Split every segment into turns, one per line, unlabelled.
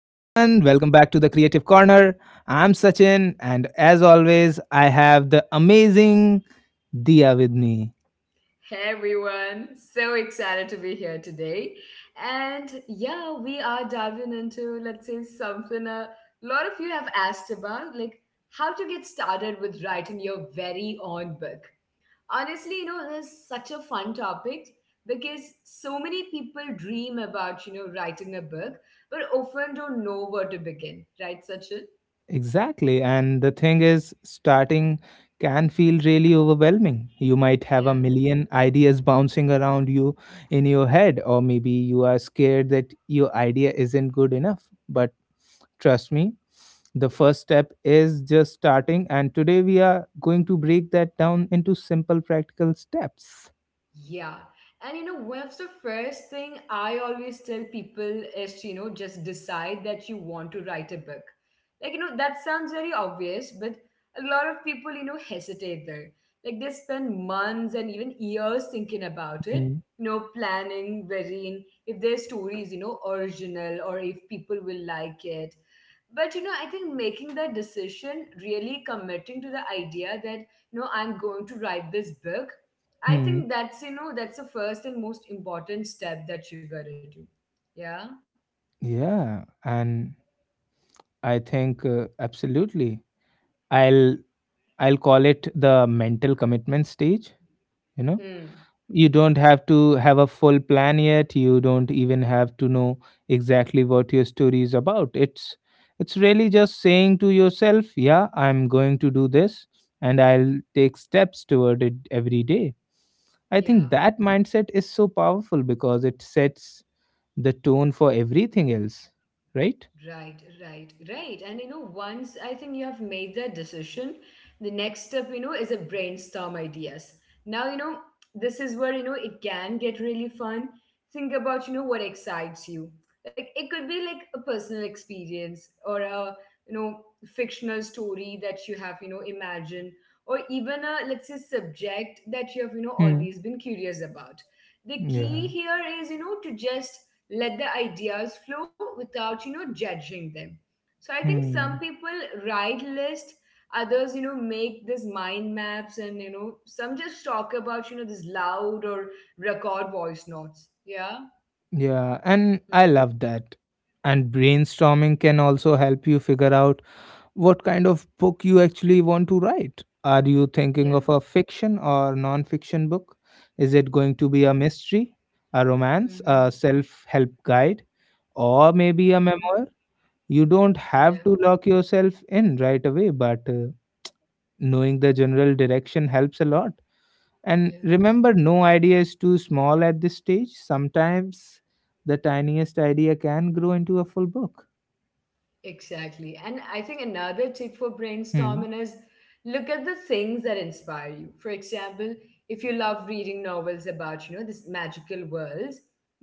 Welcome back to the Creative Corner. I'm Sachin, and as always, I have the amazing Dia with me.
Hey everyone, so excited to be here today. And yeah, we are diving into, let's say, something a lot of you have asked about, like how to get started with writing your very own book. Honestly, this is such a fun topic because so many people dream about, writing a book, but often don't know where to begin, right, Sachin?
Exactly. And the thing is, starting can feel really overwhelming. You might have a
Yeah.
million ideas bouncing around you in your head, or maybe you are scared that your idea isn't good enough. But trust me, the first step is just starting, and today we are going to break that down into simple practical steps.
Yeah. And one of the first thing I always tell people is, just decide that you want to write a book. Like, that sounds very obvious, but a lot of people, hesitate there. Like they spend months and even years thinking about it, planning, varying if their story is, original or if people will like it. But I think making that decision, really committing to the idea that, I'm going to write this book. I
Mhm.
think that's that's the first and most important step that you gotta do. Yeah.
Yeah, and I think uh, absolutely. I'll I'll call it the mental commitment stage. You know,
Hmm.
you don't have to have a full plan yet. You don't even have to know exactly what your story is about. It's really just saying to yourself, "Yeah, I'm going to do this, and I'll take steps toward it every day." I think
Yeah.
that mindset is so powerful because it sets the tone for everything else, right?
Right, right, right. And once I think you have made that decision, the next step, is a brainstorm ideas. Now, this is where, it can get really fun. Think about, what excites you. Like it could be like a personal experience or a, fictional story that you have, imagined, or even a, let's say, subject that you have,
Hmm.
always been curious about. The key
Yeah.
here is, to just let the ideas flow without judging them. So I think some
Hmm.
people write list, others make this mind maps, and some just talk about this loud, or record voice notes. Yeah.
Yeah, and I
Hmm.
love that. And brainstorming can also help you figure out what kind of book you actually want to write. Are you
Yeah.
thinking of a fiction or non fiction book? Is it going to
Hmm.
be a mystery, a romance,
Mm-hmm.
a self help guide, or maybe a
Mm-hmm.
memoir? You don't
Yeah.
have to lock yourself in right away, but knowing the general direction helps a lot. And
Yeah.
remember, no idea is too small at this stage. Sometimes the tiniest idea can grow into a full book.
Exactly. And I think another tip for
Hmm.
brainstorming is look at the things that inspire you. For example, if you love reading novels about, this magical worlds,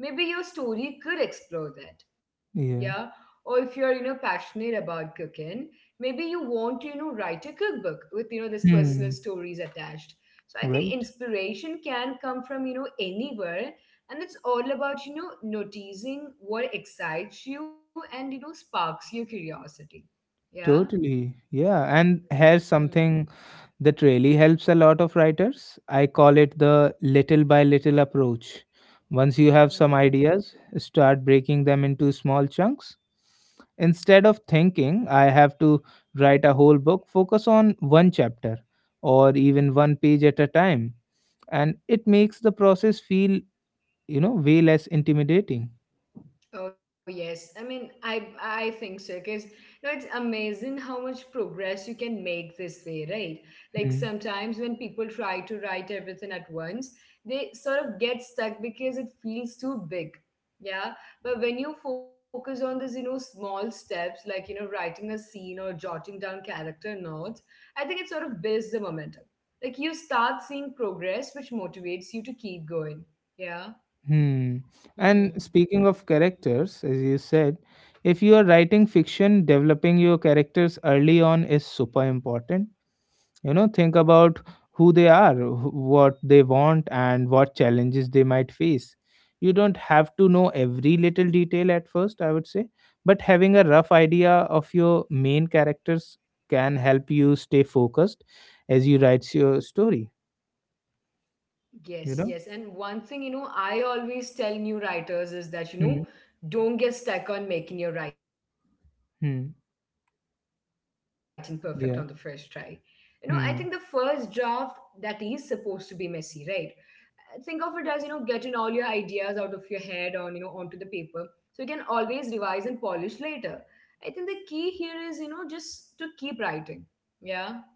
maybe your story could explore that.
Yeah.
Yeah. Or if you're, passionate about cooking, maybe you want to, write a cookbook with, this
Hmm.
personal stories attached. So I think
Right.
inspiration can come from, anywhere, and it's all about noticing what excites you and sparks your curiosity. Yeah.
Totally. Yeah. And here's
Hmm.
something that really helps a lot of writers. I call it the little by little approach. Once you have some
Hmm.
ideas, start breaking them into small chunks. Instead of thinking, I have to write a whole book, focus on one chapter or even one page at a time. And it makes the process feel, you know, way less intimidating.
Oh yes, I mean, I think so because it's amazing how much progress you can make this way, right? Like
Hmm.
sometimes when people try to write everything at once, they sort of get stuck because it feels too big. Yeah, but when you focus on this, small steps like writing a scene or jotting down character notes, I think it sort of builds the momentum. Like you start seeing progress, which motivates you to keep going. Yeah.
Hmm. And
Hmm.
speaking of characters, as you said, if you are writing fiction, developing your characters early on is super important. You know, think about who they are, what they want, and what challenges they might face. You don't have to know every little detail at first, I would say, but having a rough idea of your main characters can help you stay focused as you write your story,
Yes, yes. And
you know?
one thing, I always tell new writers is that,
Hmm.
don't get stuck on making your writing perfect on the first try.
Hmm.
I think the first draft that
Yeah.
is supposed to be messy,
Hmm.
right? Think of it as, getting all your ideas out of your head on, onto the paper. So you can always revise and polish later. I think the key here is, just to keep writing. Yeah. Hmm.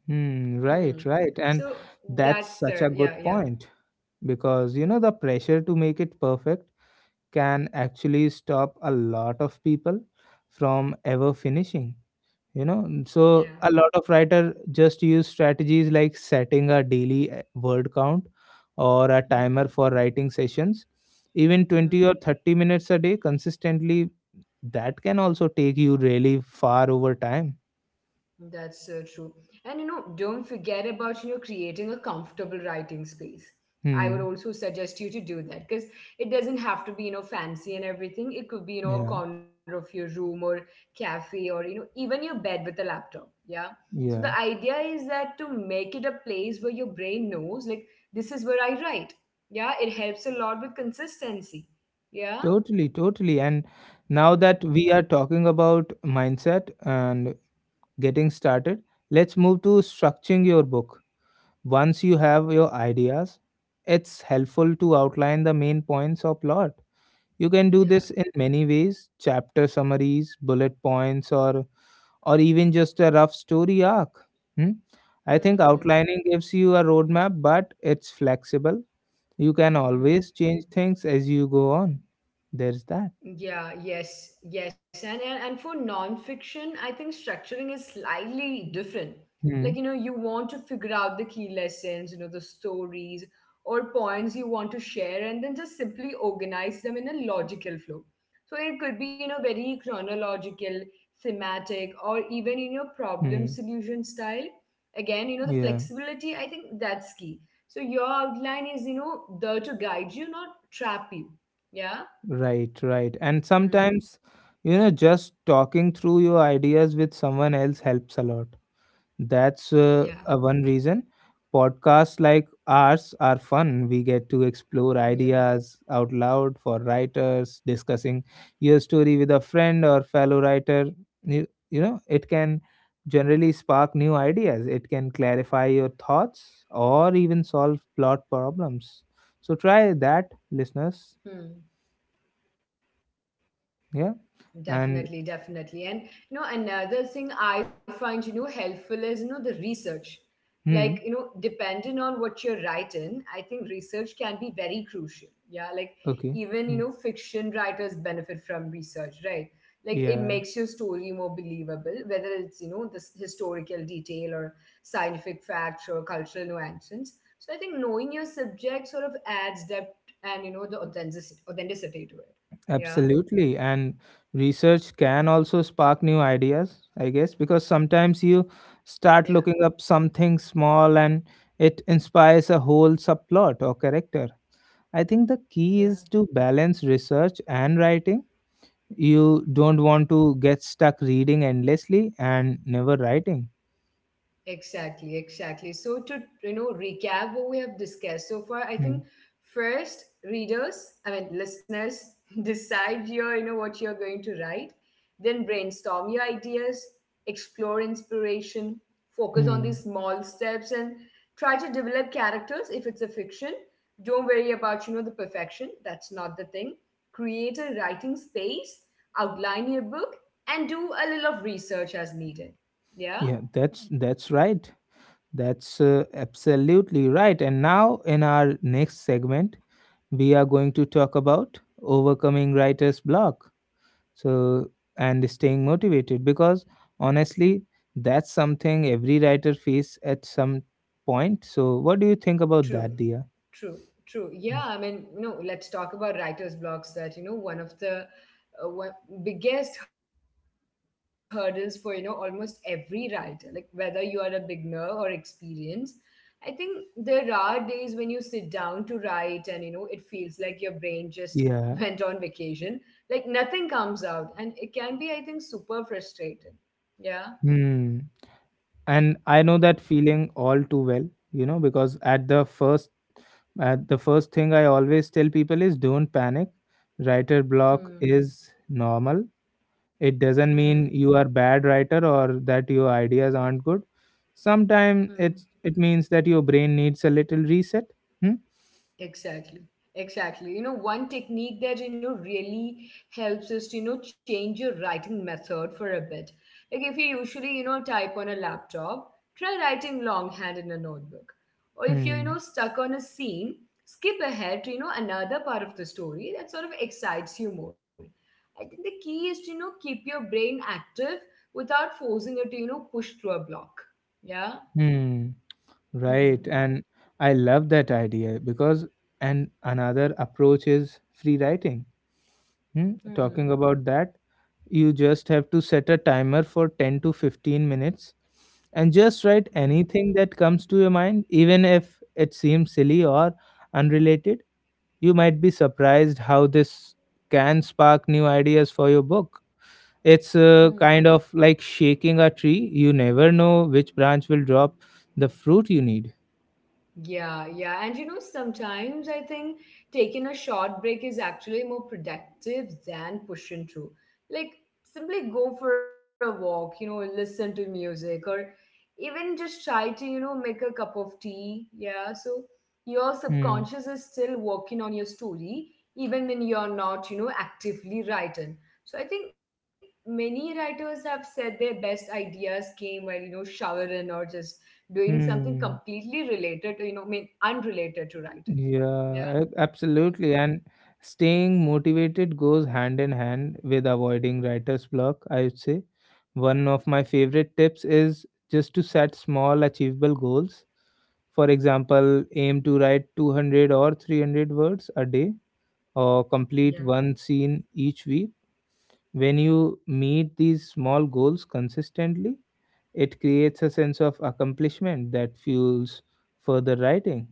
So
Hmm, right,
that's
right.
the,
And
yeah, yeah,
that's such a good point because you know the pressure to make it perfect can actually stop a lot of people from ever finishing. You know, and
yeah.
so a lot of writer just use strategies like setting a daily word count or a timer
Hmm.
for writing sessions. Even 20
Hmm.
or 30 minutes a day consistently, that can also take you really far over time.
That's so true. And don't forget about creating a comfortable writing space. I would
Hmm.
also suggest you to do that because it doesn't have to be fancy and everything. It could be a
Yeah.
corner of your room, or cafe, or even your bed with a laptop. Yeah. So the
Yeah.
idea is that to make it a place where your brain knows like this is where I write. Yeah, it helps a lot with consistency. Yeah.
Totally, totally. And
Hmm.
now that we are talking about mindset and getting started, let's move to structuring your book. Once you have your ideas, it's helpful to outline the main points or plot. You can do this in
Yeah.
many ways: chapter summaries, bullet points, or even just a rough story arc. Hmm? I
Hmm.
think
Hmm.
outlining gives you a roadmap, but it's flexible. You can always
Hmm.
change things as you go on. There's that.
Yeah, yes, yes. And for nonfiction, I think structuring is slightly different. Like,
Hmm?
you want to figure out the key lessons, the stories or points you want to share, and then just simply organize them in a logical flow. So it could be, very chronological, thematic, or even in your problem
Hmm.
solution style. Again, the
Yeah,
flexibility, I think that's key. So your outline is, there to guide you, not trap you. Yeah.
right, right. And sometimes, you
Hmm.
know, just talking through your ideas with someone else helps a lot. That's a one
Yeah.
reason. Podcasts like ours are fun. We get to explore ideas out
Yeah.
loud for writers, discussing your story with a friend or fellow writer. You know, it can generally spark new ideas. It can clarify your thoughts or even solve
Hmm.
plot problems. So try that, listeners.
Definitely.
Yeah. And
Definitely, definitely. And another thing I find, helpful is, the research. Like,
hmm,
depending on what you're writing, I think research can be very crucial. Yeah. Like
okay.
even,
Hmm.
fiction writers benefit from research, right? Like it
Yeah,
makes your story more believable, whether it's, this historical detail or scientific facts or cultural nuances. So I think knowing your subject sort of adds depth and, the authenticity to it. Yeah.
absolutely. And research can also spark new ideas, I guess, because sometimes you start looking
Yeah,
up something small and it inspires a whole subplot or character. I think the key is to
yeah.
balance research and writing. You don't want to get stuck reading endlessly and never writing.
Exactly, exactly. So to recap what we have discussed so far, I
Hmm.
think first readers, I mean listeners, decide your you know what you're going to write, then brainstorm your ideas, explore inspiration, focus on these
Hmm.
small steps, and try to develop characters if it's a fiction. Don't worry about the perfection. That's not the thing. Create a writing space, outline your book, and do a little of research as needed. Yeah.
Yeah, that's right. That's absolutely right. And now, in our next segment, we are going to talk about overcoming writer's block. So, and staying motivated because honestly, that's something every writer faces at some point. So, what do you think about
True,
that, Dia?
true, true. Yeah, I mean, no, let's talk about writer's blocks that, one of the one, biggest hurdles for, almost every writer, like whether you are a beginner or experienced. I think there are days when you sit down to write and, it feels like your brain just went on
Yeah.
vacation. Like nothing comes out. And it can be, I think, super frustrating. Yeah.
Hmm. And
Hmm.
I know that feeling all too well, you know, because at the first thing I always tell people is don't panic. Writer block
Hmm.
is normal. It doesn't mean
Hmm.
you are bad writer or that your ideas aren't good. Sometimes
Hmm.
it means that your brain needs a little reset. Hmm?
Exactly. Exactly. One technique that, really helps is to, change your writing method for a bit. Like if you usually, type on a laptop, try writing longhand in a notebook. Or if you're,
Hmm.
stuck on a scene, skip ahead to, another part of the story that sort of excites you more. I think the key is to, keep your brain active without forcing it to, push through a block. Yeah?
Hmm.
Hmm.
Right. And I love that idea because and another approach is free writing. Hmm?
Hmm.
Talking about that, you just have to set a timer for 10 to 15 minutes and just write
Hmm.
anything that comes to your mind, even if it seems silly or unrelated. You might be surprised how this can spark new ideas for your book. It's
Hmm.
kind of like shaking a tree. You never know which branch will drop the fruit you need.
Yeah, yeah. And sometimes I think taking a short break is actually more productive than pushing through. Like, simply go for a walk, listen to music, or even just try to, make a cup of tea. Yeah. So your
Hmm.
subconscious is still working on your story, even when you're not, actively writing. So I think many writers have said their best ideas came while, showering, or just doing something
Hmm.
completely related to I mean unrelated to writing. Yeah.
Yeah, absolutely. And staying motivated goes hand in hand with avoiding writer's block, I would say. One of my favorite
Mm-hmm.
tips is just to set small, achievable goals. For example, aim to write 200 or 300 words a day or complete
Yeah.
one scene each week. When you meet these small goals consistently, it creates a sense of accomplishment that fuels further writing.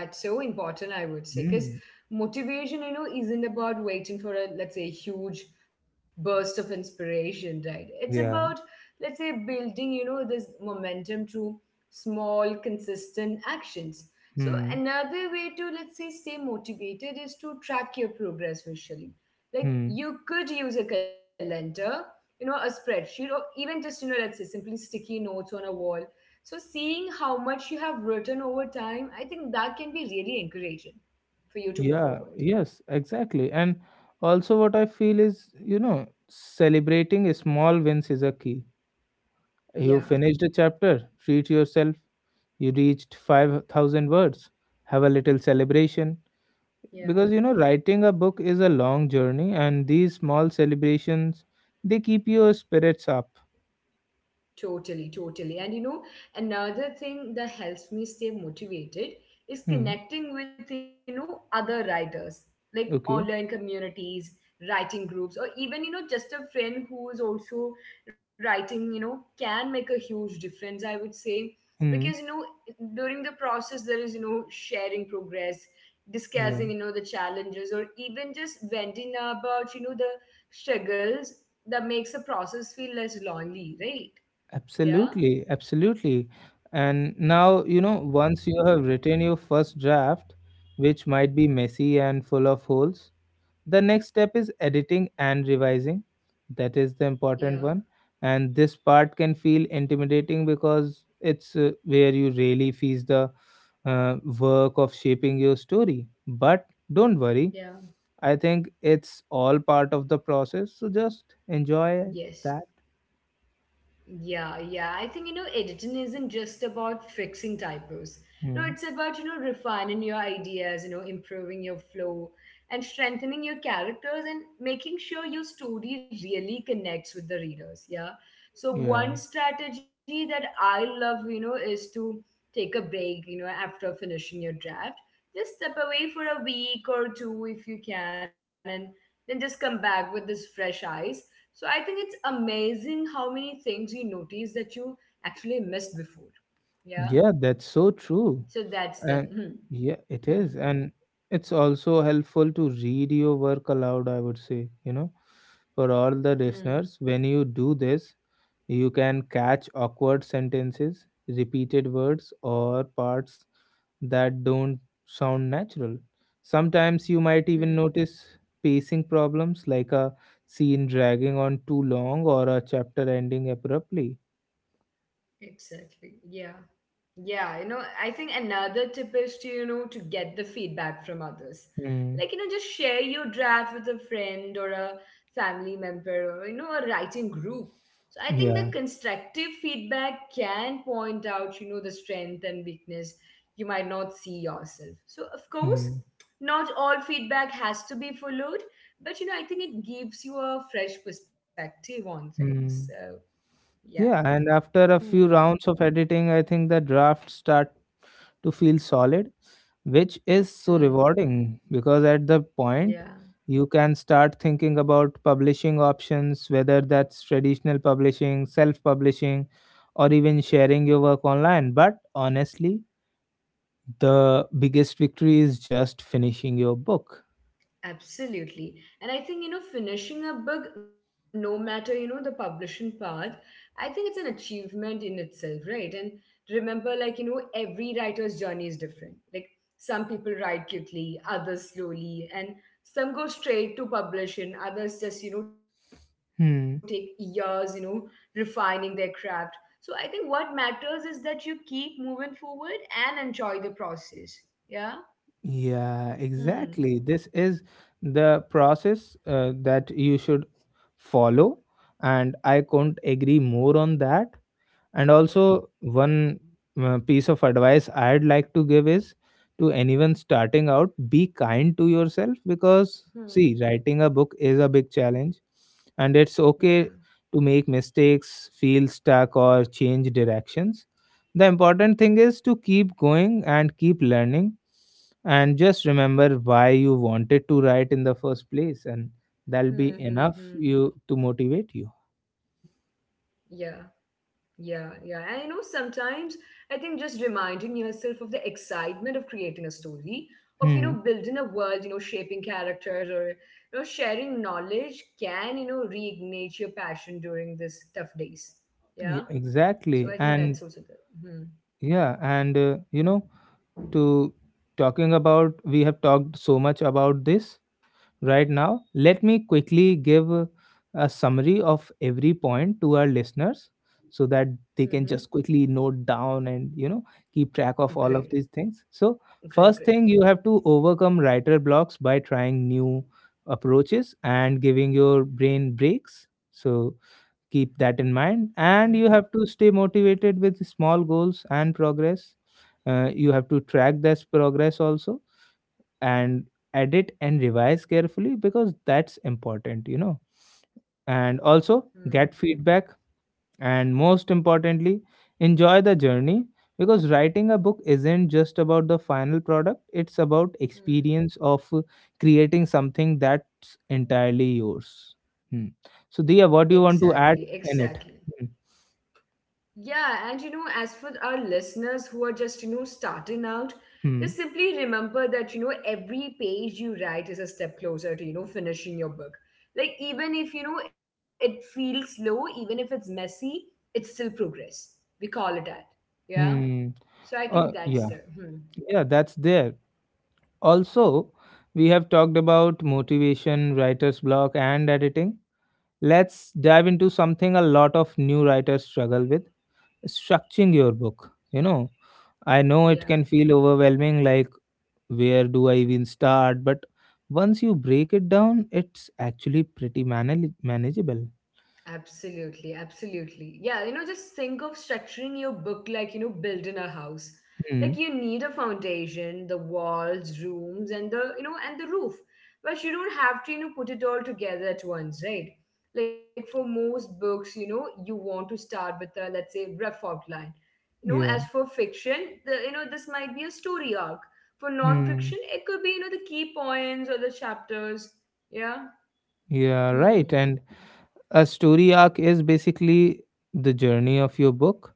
That's so important, I would say,
Hmm.
because motivation isn't about waiting for a, let's say, huge burst of inspiration, right? It's
Yeah.
about, let's say, building this momentum through small consistent actions.
Hmm.
So another way to, let's say, stay motivated is to track your progress visually.
Hmm.
Like you could use a calendar, a spreadsheet, or even just, let's say, simply sticky notes on a wall. So seeing how much you have written over time, I think that can be really encouraging for you to
Yeah.
move forward.
Yes. Exactly. And also, what I feel is, you know, celebrating small wins is a key. You
Yeah.
finished a chapter. Treat yourself. You reached 5,000 words. Have a little celebration, because you know
Yeah.
writing a book is a long journey and these small celebrations, they keep your spirits up.
Totally, totally. And another thing that helps me stay motivated
Hmm.
is connecting with, other writers, like
Okay.
online communities, writing groups, or even, just a friend who is also writing, can make a huge difference, I would say.
Hmm.
Because, during the process, there is, sharing progress,
Yeah,
discussing, the challenges, or even just venting about, the struggles that makes the process feel less lonely, right? Yeah,
absolutely, absolutely. And now, you know, once you have written your first draft, which might be messy and full of holes, the next step is editing and revising. That is the important
yeah,
one. And this part can feel intimidating because it's where you really face the work of shaping your story. But don't worry,
yeah,
I think it's all part of the process. So just enjoy
yes.
that.
Yeah, yeah. I think, editing isn't just about fixing typos. No,
Hmm.
it's about, refining your ideas, improving your flow and strengthening your characters and making sure your story really connects with the readers. Yeah. So,
Yeah.
one strategy that I love, is to take a break, after finishing your draft. Just step away for a week or two if you can, and then just come back with this fresh eyes. So I think it's amazing how many things you notice that you actually missed before. Yeah.
Yeah, that's so true.
So that's the
And yeah,
hmm,
it is.
hmm,
And it's also helpful to read your work aloud, I would say, you know, for all the
hmm,
listeners. When you do this, you can catch awkward sentences, repeated words, or parts that don't sound natural. Sometimes you might even
hmm.
notice pacing problems, like a scene dragging on too long or a chapter ending abruptly.
Exactly. Yeah. Yeah, I think another tip is to, to get the feedback from others.
Hmm.
Like, just share your draft with a friend or a family member, or, a writing group. So I think
Yeah.
the constructive feedback can point out, the strength and weakness you might not see yourself. So, of course,
Hmm.
not all feedback has to be followed, but, I think it gives you a fresh perspective on things.
Hmm.
So, yeah.
Yeah, and after a few
Hmm.
rounds of editing, I think the draft start to feel solid, which is so
Hmm.
rewarding because at the point
Yeah,
you can start thinking about publishing options, whether that's traditional publishing, self-publishing, or even sharing your work online. But honestly, the biggest victory is just finishing your book.
absolutely. And I think, finishing a book, no matter, the publishing part, I think it's an achievement in itself, right? And remember, like, every writer's journey is different. Like, some people write quickly, others slowly, and some go straight to publishing, others just, take years,
Hmm.
refining their craft. So I think what matters is that you keep moving forward and enjoy the process. Yeah?
Yeah,
Hmm.
exactly. This is the process that you should follow, and I couldn't agree more on that. And
Yeah.
also, one piece of advice I'd like to give is to anyone starting out, be kind to yourself because, see,
Hmm.
writing a book is a big challenge and it's
Yeah.
okay to make mistakes, feel stuck, or change directions. The important thing is to keep going and keep learning, and just remember why you wanted to write in the first place, and that'll be enough
Mm-hmm.
you to motivate you.
Yeah, yeah, yeah. And you know, sometimes I think just reminding yourself of the excitement of creating a story, of building a world,
Hmm.
shaping characters or sharing knowledge can, reignite your passion during this tough days. Yeah.
Yeah,
So I think
exactly.
that's also
And
the hmm.
yeah, and you know, to talking about, we have talked so much about this right now. Let me quickly give a summary of every point to our listeners so that they
Mm-hmm.
can just quickly note down and, you know, keep track of all of
Great.
these things. So, first
Great,
thing, you
great.
have to overcome writer blocks by trying new approaches and giving your brain breaks. So,
Hmm.
keep that in mind, and you have to stay motivated with small goals and progress. You have to track this progress also, and edit and revise carefully because that's important, you know. And
Hmm.
also get feedback, and most importantly, enjoy the journey, because writing a book isn't just about the final product, it's about
Hmm.
experience of creating something that's entirely yours. Hmm. So Dia,
Exactly,
what do you want to
exactly.
add in it? Hmm.
Yeah, and you know, as for our listeners who are just, starting out, just simply
Hmm.
remember that, every page you write is a step closer to, finishing your book. Like, even if, it feels slow, even if it's messy, it's still progress. We call it that. Yeah. So
Hmm.
I think that's
Uh,
the,
yeah,
hmm,
yeah, that's there. Also, we have talked about motivation, writer's block, and editing. Let's dive into something a lot of new writers struggle with: structuring your book. You know, I
yeah.
know it can feel overwhelming, like, where do I even start? But once you break it down, it's actually pretty manageable.
Absolutely, absolutely. Yeah, you know, just think of structuring your book like, building a house. Like you
Hmm.
need a foundation, the walls, rooms, and the roof. But you don't have to, put it all together at once, right? Like for most books, you know, you want to start with a, let's say, rough outline. You know, as
Yeah.
for fiction, this might be a story arc. For non-fiction,
Hmm.
it could be, the key points or the chapters. Yeah.
Yeah, right.
Hmm.
And a story arc is basically the journey of your book.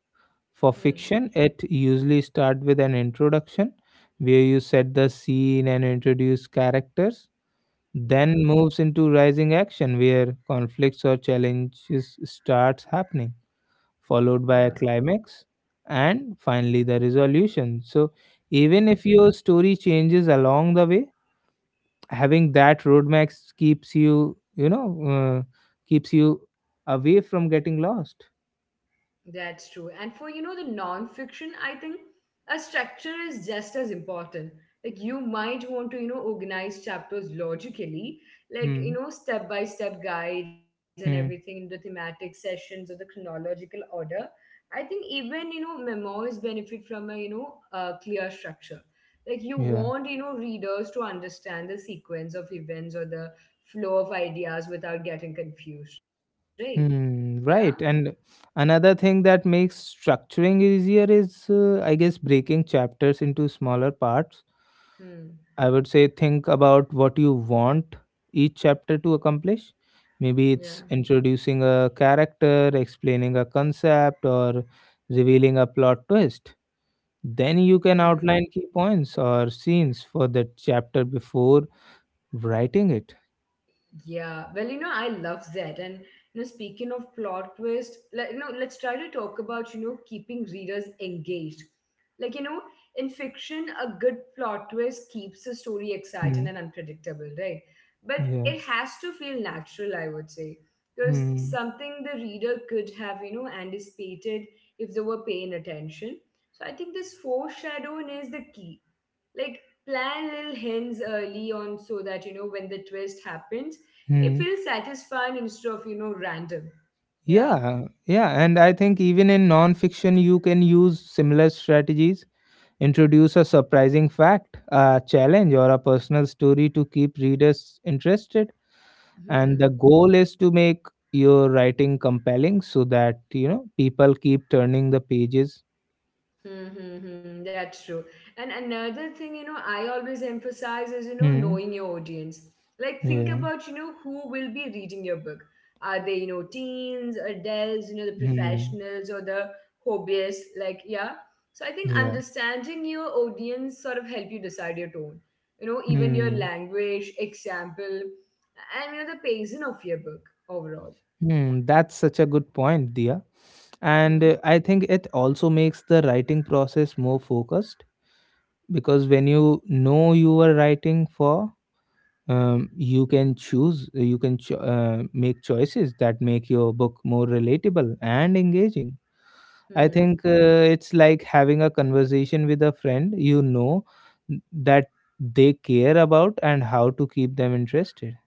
For
Hmm.
fiction, it usually starts with an introduction where you set the scene and introduce characters, then
Yeah.
moves into rising action where conflicts or challenges starts happening, followed
Yeah,
by a climax, and finally the resolution. So, even if
mhm.
your story changes along the way, having that roadmap keeps you away from getting lost.
That's true. And for you know the non-fiction, I think a structure is just as important. Like you might want to you know organize chapters logically, like you
Hmm.
know step-by-step guides and everything in the
Hmm.
thematic sessions or the chronological order. I think even you know memoirs benefit from a you know a clear structure. Like you
Yeah.
want you know readers to understand the sequence of events or the flow of ideas without getting confused, right? Yeah.
Hmm. Right. And another thing that makes structuring easier is, I guess, breaking chapters into smaller parts.
Hmm.
I would say think about what you want each chapter to accomplish. Maybe it's
Yeah.
introducing a character, explaining a concept, or revealing a plot twist. Then you can
Hmm.
outline key points or scenes for that chapter before writing it.
Yeah. Well, you know, I love that. And you know, speaking of plot twist, like you know, let's try to talk about you know keeping readers engaged. Like you know, in fiction, a good plot twist keeps the story exciting
Hmm.
and unpredictable, right? But
Yeah.
it has to feel natural, I would say, because
Hmm.
something the reader could have you know anticipated if they were paying attention. So I think this foreshadowing is the key, like plan little hints early on so that you know when the twist happens it
Hmm.
feels satisfying instead of you know random. Yeah.
Yeah. Yeah. And I think even in non fiction, you can use similar strategies. Introduce a surprising fact, a challenge, or a personal story to keep readers interested. And the
Hmm.
goal is to make your writing compelling so that, people keep turning the pages.
Mm-hmm, that's true. And another thing, I always emphasize is, knowing
Hmm.
your audience. Like, think
Yeah.
about, who will be reading your book. Are they, teens, adults, the
Hmm.
professionals or the hobbyists? Like, yeah. So I think
Yeah.
understanding your audience sort of help you decide your tone. You know, even your
Hmm.
language, example, and the pacing of your book overall.
Hmm. That's such a good point, Dia. And
Hmm.
I think it also makes the writing process more focused because when you know you are writing for you can choose make choices that make your book more relatable and engaging. I
Hmm.
think it's like having a conversation with a friend that they care about and how to keep them interested.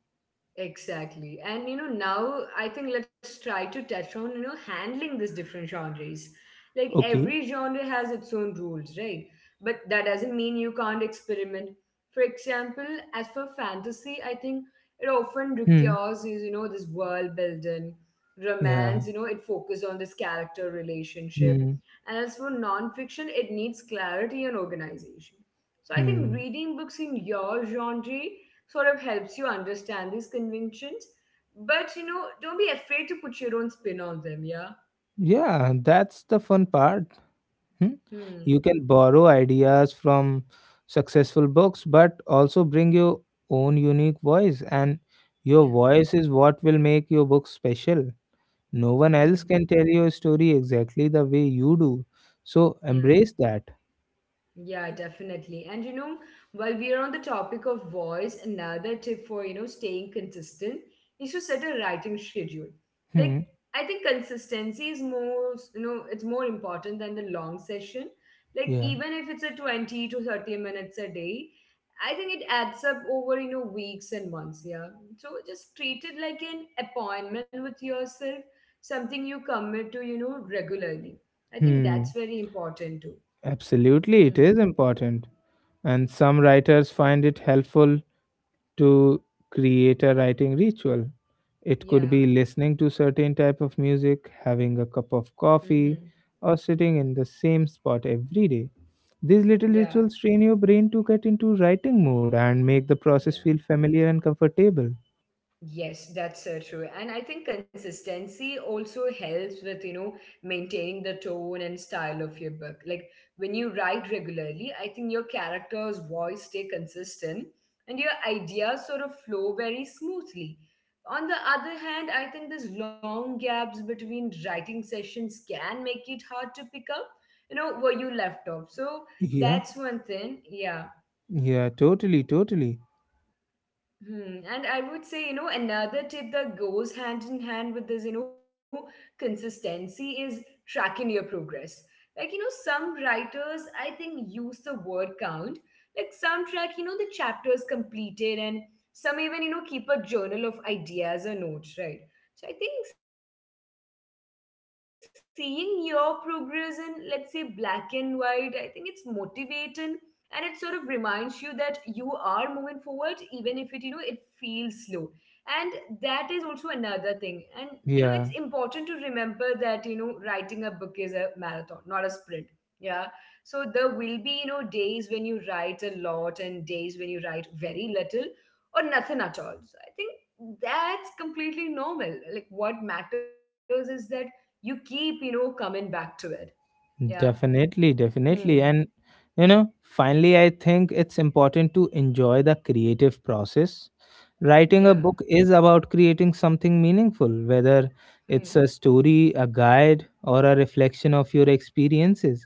Exactly. And you know, now I think let's try to touch on, handling these different genres. Like
Okay.
every genre has its own rules, right? But that doesn't mean you can't experiment. For example, as for fantasy, I think it often
Hmm.
requires, is, this world building,
Yeah.
romance, it focuses on this character relationship.
Hmm.
And as for nonfiction, it needs clarity and organization. So I think
Hmm.
reading books in your genre sort of helps you understand these conventions. But you know, don't be afraid to put your own spin on them. Yeah.
Yeah, that's the fun part. Hmm? You
Hmm.
can borrow ideas from successful books, but also bring your own unique voice, and your
Yeah.
voice is what will make your book special. No one else
Hmm.
can tell your story exactly the way you do. So
Yeah.
embrace that.
Yeah, definitely. And you know, while we are on the topic of voice, another tip for, staying consistent is to set a writing schedule. Like,
Hmm.
I think consistency is more, it's more important than the long session. Like,
Yeah.
even if it's a 20 to 30 minutes a day, I think it adds up over, weeks and months. Yeah. So just treat it like an appointment with yourself, something you commit to, regularly. I think that's
Hmm.
very important too.
Absolutely, it
Hmm.
is important. And some writers find it helpful to create a writing ritual. It could
Yeah.
be listening to certain type of music, having a cup of
Mm-hmm.
coffee, or sitting in the same spot every day. These little
Yeah.
rituals train your brain to get into writing mode and make the process
Yeah.
feel familiar and comfortable.
Yes, that's so true. And I think consistency also helps with, maintaining the tone and style of your book. Like when you write regularly, I think your character's voice stay consistent and your ideas sort of flow very smoothly. On the other hand, I think these long gaps between writing sessions can make it hard to pick up, where you left off. So
Yeah.
that's one thing. Yeah.
Yeah, totally, totally.
Hmm. And I would say, another tip that goes hand in hand with this, consistency is tracking your progress. Like, some writers, I think, use the word count. Like, some track, the chapters completed, and some even, keep a journal of ideas or notes, right? So I think seeing your progress in, let's say, black and white, I think it's motivating and it sort of reminds you that you are moving forward, even if it, it feels slow, and that is also another
Yeah.
thing. And you know it's important to remember that you know writing a book is a marathon, not a sprint. Yeah. So there will be you know days when you write a lot and days when you write very little or nothing at all. So I think that's completely normal. Like what matters is that you keep you know coming back to it. Yeah.
Definitely, definitely. And,
Hmm.
finally, I think it's important to enjoy the creative process. Writing a book
Yeah.
is about creating something meaningful, whether it's a
Hmm.
story, a guide, or a reflection of your experiences.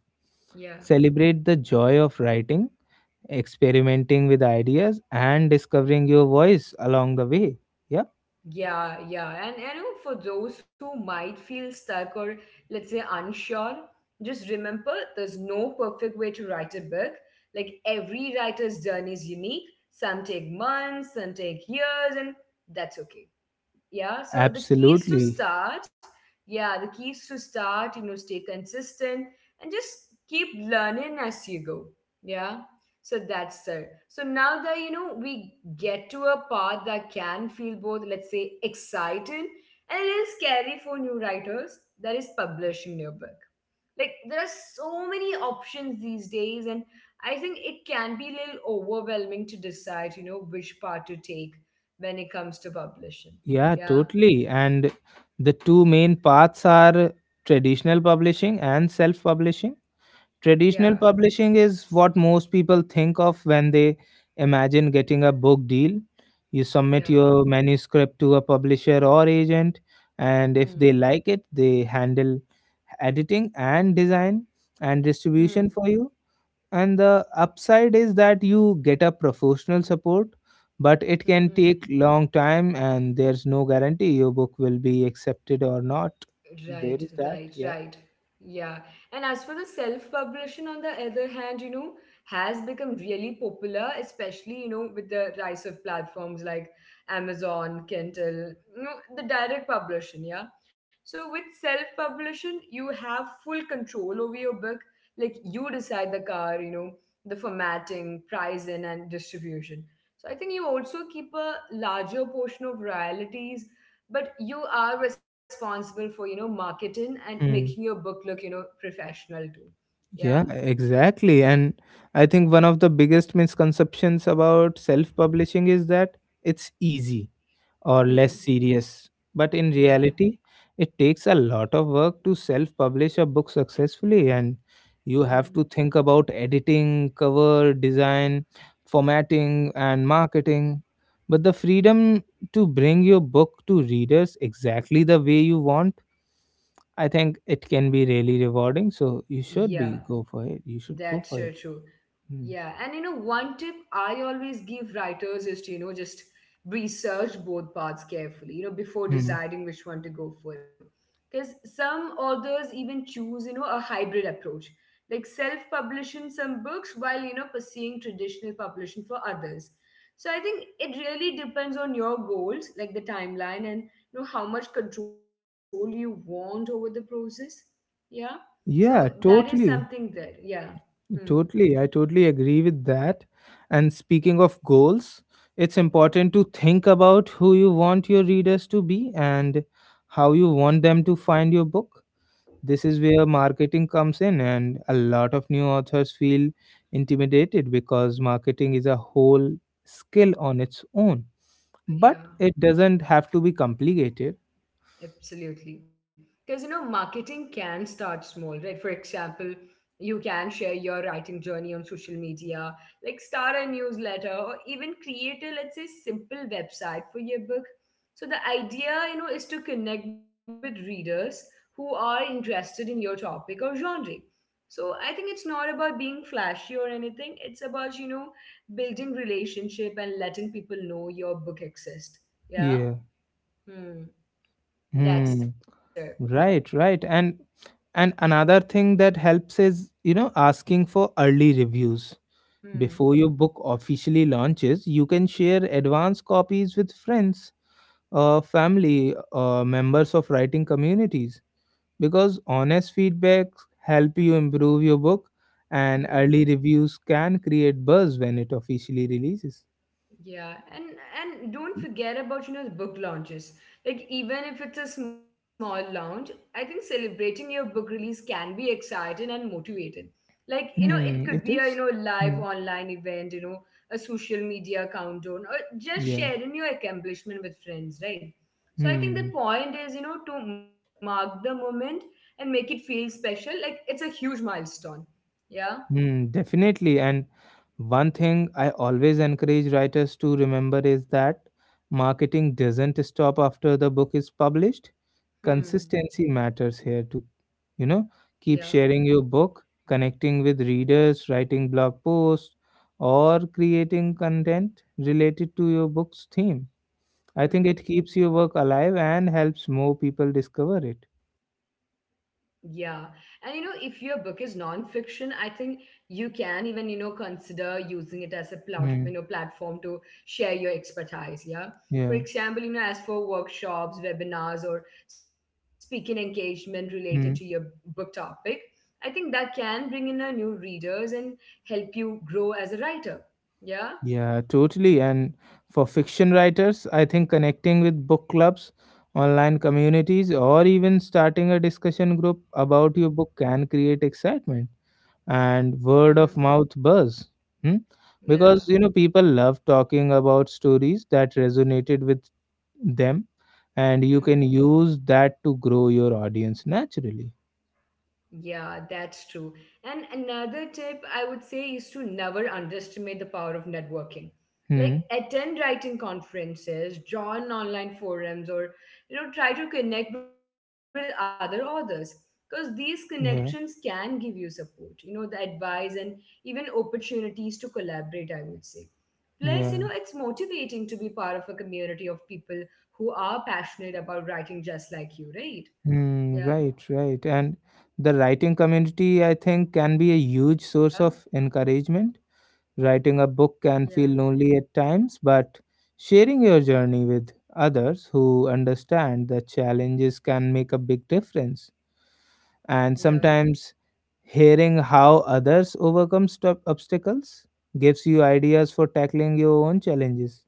Yeah.
Celebrate the joy of writing, experimenting with ideas, and discovering your voice along the way. Yeah,
Yeah, yeah. And you know, for those who might feel stuck or let's say unsure, just remember there's no perfect way to write a book. Like every writer's journey is unique. Some take months, some take years, and that's okay. Yeah.
absolutely.
The keys to start, you know, stay consistent and just keep learning as you go. Yeah. So that's it. So now that you know we get to a part that can feel both, let's say, exciting and a little scary for new writers, that is publishing your book. Like there are so many options these days, and I think it can be a little overwhelming to decide you know which part to take when it comes to publishing.
Yeah,
Yeah,
totally. And the two main paths are traditional publishing and self publishing. Traditional
yeah,
publishing is what most people think of when they imagine getting a book deal. You submit
yeah.
your manuscript to a publisher or agent, and if
Hmm,
they like it, they handle editing and design and distribution
hmm,
for you, and the upside is that you get a professional support, but it
hmm,
can take
hmm.
long time and there's no guarantee your book will be accepted or not. There
Right,
is that,
right,
yeah.
right. Yeah. And as for the self publishing, on the other hand, you know, has become really popular, especially, with the rise of platforms like Amazon, Kindle, you know, the direct publishing. Yeah. So with self publishing, you have full control over your book. Like you decide the car, the formatting, pricing, and distribution. So I think you also keep a larger portion of royalties, but you are responsible for you know marketing and making
Hmm.
your book look you know professional too. Yeah.
Yeah, exactly. And I think one of the biggest misconceptions about self publishing is that it's easy or less
Hmm.
serious. But in reality,
Yeah.
it takes a lot of work to self publish a book successfully, and you have
Hmm.
to think about editing, cover design, formatting, and marketing. But the freedom to bring your book to readers exactly the way you want, I think it can be really rewarding. So you should
Yeah.
be go for it. You should go
That's
for
so
it.
true.
Hmm.
Yeah, and you know, one tip I always give writers is to, just research both paths carefully, before
Hmm.
deciding which one to go for. Because some authors even choose, a hybrid approach, like self publishing some books while, pursuing traditional publishing for others. So I think it really depends on your goals, like the timeline and, how much control you want over the process. Yeah. So that
Yeah,
is something there.
totally.
Yeah. Hmm.
Totally, I totally agree with that. And speaking of goals, it's important to think about who you want your readers to be and how you want them to find your book. This is where marketing comes in, and a lot of new authors feel intimidated because marketing is a whole skill on its own. But
Yeah,
it doesn't have to be complicated.
absolutely. Because you know, marketing can start small, right? For example, you can share your writing journey on social media, like start a newsletter, or even create a, let's say, simple website for your book. So the idea, is to connect with readers who are interested in your topic or genre. So I think it's not about being flashy or anything. It's about, building relationship and letting people know your book exists. Yeah.
Yeah.
Hmm. That's
Hmm.
the
Right, right. And another thing that helps is, asking for early reviews.
hmm.
Before your book officially launches, you can share advance copies with friends, family, members of writing communities, because honest feedback help you improve your book, and
Hmm.
early reviews can create buzz when it officially releases.
Yeah. And don't forget about, the book launches. Like even if it's a small launch, I think celebrating your book release can be exciting and motivating. Like, it could
Hmm,
be
it
a,
is.
live
Hmm,
online event, a social media countdown, or just
yeah.
sharing your accomplishment with friends, right? So I think the
Hmm.
point is, to mark the moment and make it feel special. Like it's a huge milestone. Yeah.
Hmm, definitely. And one thing I always encourage writers to remember is that marketing doesn't stop after the book is published.
Hmm.
Consistency matters here to. You know,
Yeah.
keep sharing your book, connecting with readers, writing blog posts, or creating content related to your book's theme. I think
Hmm.
it keeps your work alive and helps more people discover it.
Yeah. And you know, if your book is nonfiction, I think you can even, you know, consider using it as a you know,
Hmm.
platform to share your expertise. Yeah. For
Yeah.
example, you know, as for workshops, webinars, or speaking engagement related to your
Hmm.
book topic, I think that can bring in a new readers and help you grow as a writer. Yeah.
Yeah, totally. And for fiction writers, I think connecting with book clubs, online communities, or even starting a discussion group about your book can create excitement and
Hmm.
word of mouth buzz. Hmm?
Yeah.
Because, people love talking about stories that resonated with them, and you
Hmm.
can use that to grow your audience naturally.
Yeah, that's true. And another tip I would say is to never underestimate the power of networking. Like
Hmm.
attend writing conferences, join online forums, or you know try to connect with other authors because these connections can give you
Yeah.
support. You know the advice and even opportunities to collaborate, I would say. Plus, you know it's
Yeah.
motivating to be part of a community of people who are passionate about writing just like you, right? Yeah,
Hmm, right, right. And the writing community, I think, can be a huge source of encouragement. Writing a
yeah,
book can feel lonely at times, but sharing your journey with others who understand the challenges can make a big difference.
yeah.
And sometimes hearing how others overcome stuff obstacles gives you ideas for tackling your own challenges.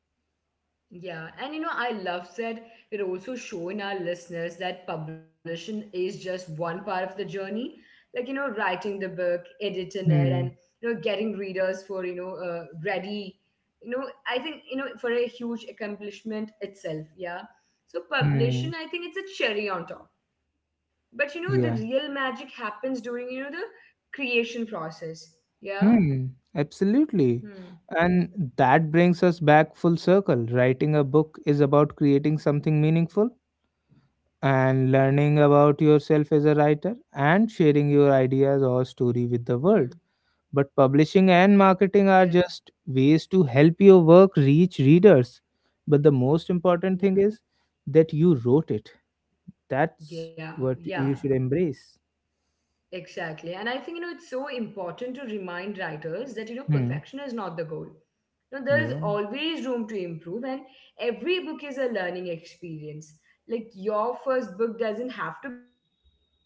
Yeah, and you know, I love that we're also showing our listeners that publishing is just one part of the journey. Like, you know, writing the book, editing it, and,
Hmm.
you know, getting readers for, you know, ready. You know, I think, you know, for a huge accomplishment itself. Yeah. So,
Hmm.
publishing, I think it's a cherry on top. But, you know, the real
Yeah.
magic happens during, you know, the creation process. Yeah.
Hmm, absolutely.
Hmm.
And that brings us back full circle. Writing a book is about creating something meaningful and learning about yourself as a writer and sharing your
Hmm.
ideas or story with the world. But publishing
Yeah.
and marketing are just ways to help your work reach readers. But the most
Yeah.
important thing is that you wrote it. That's
Yeah,
what
yeah.
you should embrace.
Exactly. And I think, you know, it's so important to remind writers that, you know,
Hmm.
perfection is not the goal. You know, there is
Yeah.
always room to improve, and every book is a learning experience. Like, your first book doesn't have to be a masterpiece.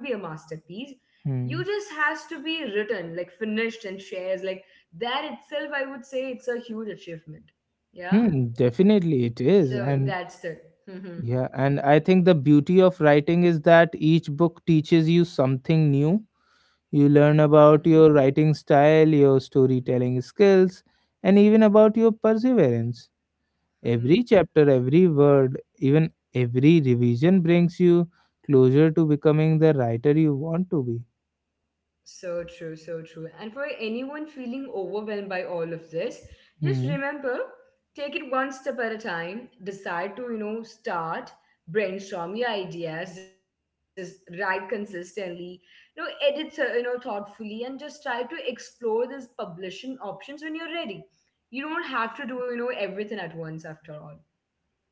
You just has to be
Hmm.
written, like finished and shares. Like that itself, I would say it's a huge achievement. Yeah.
Hmm,
So
definitely it
that's
is.
it.
And
Hmm.
yeah, and I think the beauty of writing is that each book teaches you something new. You learn about
Hmm.
your writing style, your storytelling skills, and even about your perseverance.
Hmm.
Every chapter, every word, even every revision brings you closer to becoming the writer you want to be.
So true, so true. And for anyone feeling overwhelmed by all of this, just
Hmm.
remember take it one step at a time. Decide to, you know, start, brainstorm your ideas, just write consistently, you know, edit, you know, thoughtfully, and just try to explore these publishing options when you're ready. You don't have to do, you know, everything at once after all.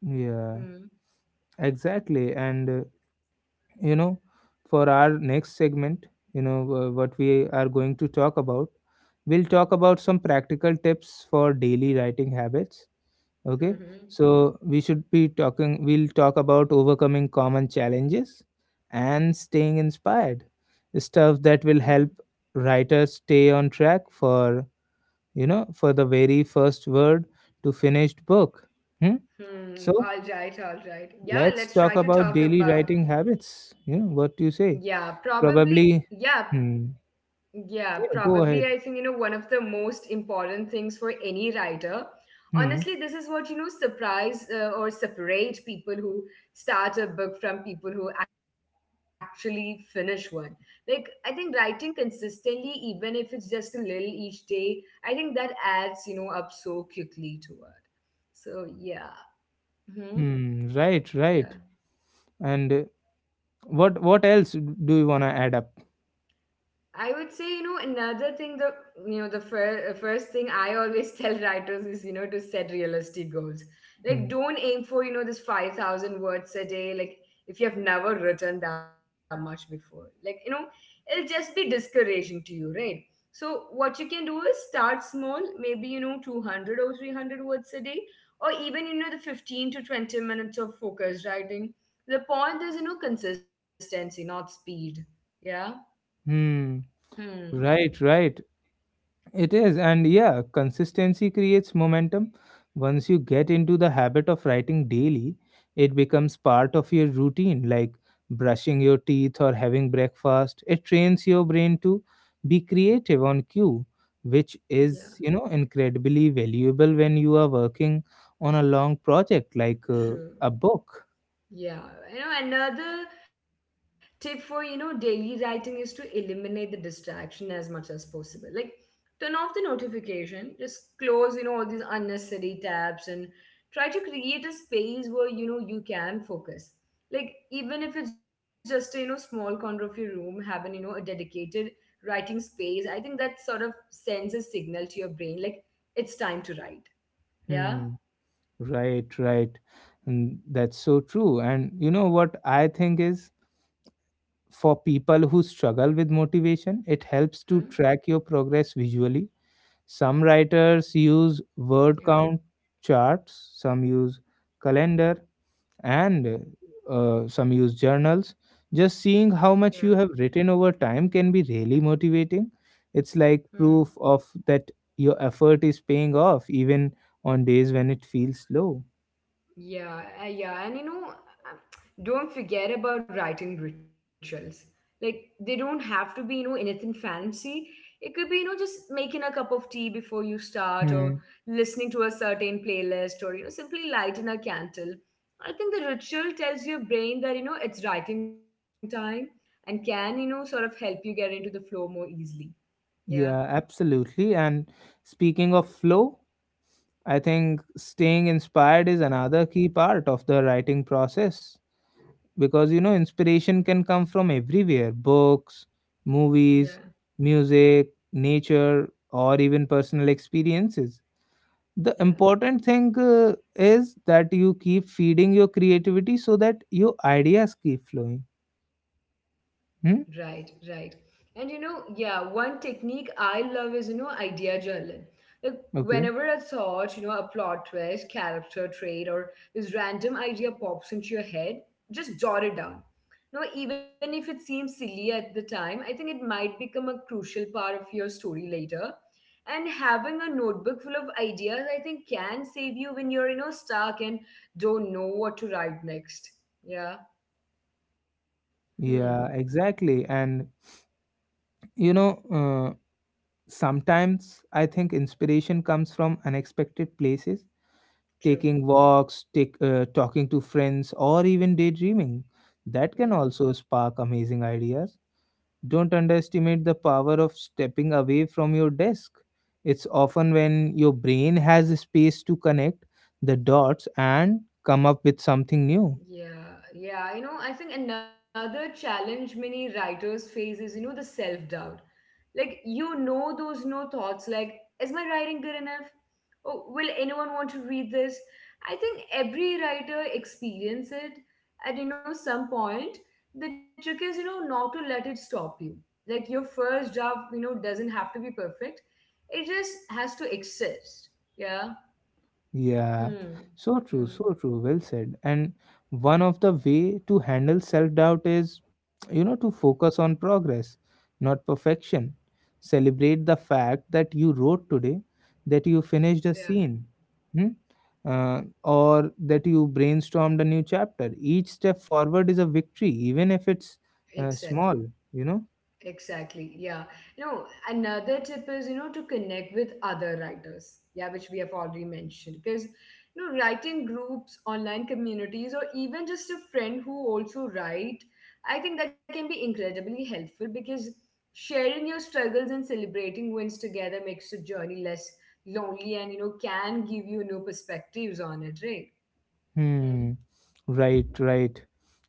Yeah,
Hmm.
exactly. And you know, for our next segment, what we are going to talk about, we'll talk about some practical tips for daily writing habits.
Hmm.
Okay.
Hmm.
So we'll talk about overcoming common challenges and staying inspired, stuff that will
Hmm.
help writers stay on track for for the very first word to finished book. Hmm?
Hmm.
So
All right, all right. Yeah,
let's
let's
talk
try to
about
talk
daily
about.
writing habits. You know what do
Yeah,
you say?
probably. Yeah,
Probably, hmm.
yeah,
Yeah,
probably. I
go
think, you know,
ahead.
one of the most important things for any writer. Honestly,
Hmm.
this is what, you know, surprise or separate people who start a book from people who actually finish one. Like, I think writing consistently, even if it's just a little each day, I think that adds, you know, up so quickly to it. So, yeah. Hmm.
Hmm. Right.
Yeah.
Right. And what else do you wanna add up?
I would say, you know, another thing, the you know, the fir- first thing I always tell writers is, you know, to set realistic goals. Like,
Hmm.
don't aim for, you know, this 5,000 words a day. Like, if you have never written that much before, like, you know, it'll just be discouraging to you, right? So, what you can do is start small, maybe, you know, 200 or 300 words a day, or even, you know, the 15 to 20 minutes of focused writing. The point is, you know, consistency, not speed. Yeah.
Hmm.
Hmm.
Right. Right. It is, and yeah, consistency creates momentum. Once you get into the habit of writing daily, it becomes part of your routine, like brushing your teeth or having breakfast. It trains your brain to be creative on cue, which is,
Yeah,
incredibly valuable when you are working on a long project like a
true.
book.
Yeah. You know, another tip for, you know, daily writing is to eliminate the distraction as much as possible. Like, turn off the notification, just close, you know, all these unnecessary tabs and try to create a space where, you know, you can focus. Like, even if it's just a, you know, small corner of your room, having, you know, a dedicated writing space, I think that sort of sends a signal to your brain, like, it's time to write.
Hmm.
Yeah?
Right, right. And that's so true. And you know what I think is, for
Hmm?
people who struggle with motivation, it helps to track your progress visually. Some writers
Yeah.
use word count charts, some use calendar, and some use journals. Just seeing how much you
Yeah.
have written over time can be really motivating. It's like proof of
Hmm.
that your effort is paying off, even on days when it feels low.
Yeah, yeah, and you know, don't forget about writing rituals. Like they don't have to be, you know, anything fancy. It could be, you know, just making a cup of tea before you start,
Hmm.
or listening to a certain playlist, or you know, simply lighting a candle. I think the ritual tells your brain that you know it's writing time and can, you know, sort of help you get into the flow more easily.
Yeah,
Yeah,
absolutely. And speaking of flow, I think staying inspired is another key part of the writing process because you know inspiration can come from everywhere: books, movies,
yeah,
music, nature, or even personal experiences. The important
yeah.
thing is that you keep feeding your creativity so that your ideas keep flowing. Hmm?
Right, right. And you know, yeah, one technique I love is, you know, idea journaling. Like
Okay.
whenever a thought, you know, a plot twist, character trait, or this random idea pops into your head, just jot it down. No, even if it seems silly at the time, I think it might become a crucial part of your story later. And having a notebook full of ideas, I think, can save you when you're, you know, stuck and don't know what to write next. Yeah. Hmm.
Yeah, exactly. And you know, uh, sometimes I think inspiration comes from unexpected places: taking
True.
walks, talking to friends, or even daydreaming. That can also
Yeah.
spark amazing ideas. Don't underestimate the power of stepping away from your desk. It's often when your brain has space to connect the dots and come up with something new.
Yeah, yeah. You know, I think another challenge many writers face is, you know, the self doubt. Like, you know, those no thoughts like, is my writing good enough? Oh, will anyone want to read this? I think every writer experience it at, you know, some point. The trick is, you know, not to let it stop you. Like, your first draft, you know, doesn't have to be perfect. It just has to exist. Yeah.
Yeah, so
Hmm.
true, so
Hmm.
true. Well said. And one of the way to handle self-doubt is, to focus on progress, not perfection. Celebrate the fact that you wrote today, that you finished a
Yeah,
scene, hmm? Or that you brainstormed a new chapter. Each step forward is a victory, even if it's
exactly.
small, you know.
Exactly. Yeah. You know, another tip is, you know, to connect with other writers. Yeah, which we have already mentioned. Because, you know, writing groups, online communities, or even just a friend who also write, I think that can be incredibly helpful because sharing your struggles and celebrating wins together makes the journey less lonely and, you know, can give you new perspectives on it, right?
Hmm.
Hmm.
Right, right.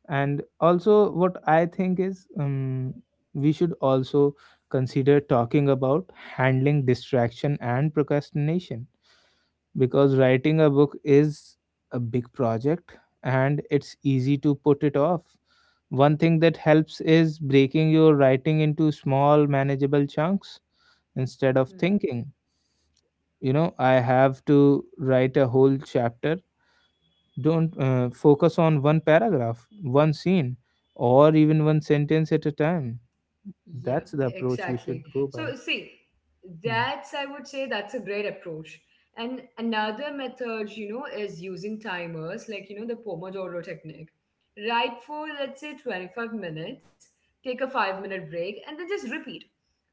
And also, what I think is we should also consider talking about handling distraction and procrastination, because writing a book is a big project and it's easy to put it off. One thing that helps is breaking your writing into small, manageable chunks instead of
Hmm.
thinking, I have to write a whole chapter. Don't focus on one paragraph, one scene, or even one sentence at a time.
Yeah,
That's the
exactly.
approach you should
So,
go
see,
by.
that's,
Hmm.
I would say, that's a great approach. And another method, you know, is using timers, like, you know, the Pomodoro technique. Right for, let's say, 25 minutes, take a 5 minute break, and then just repeat.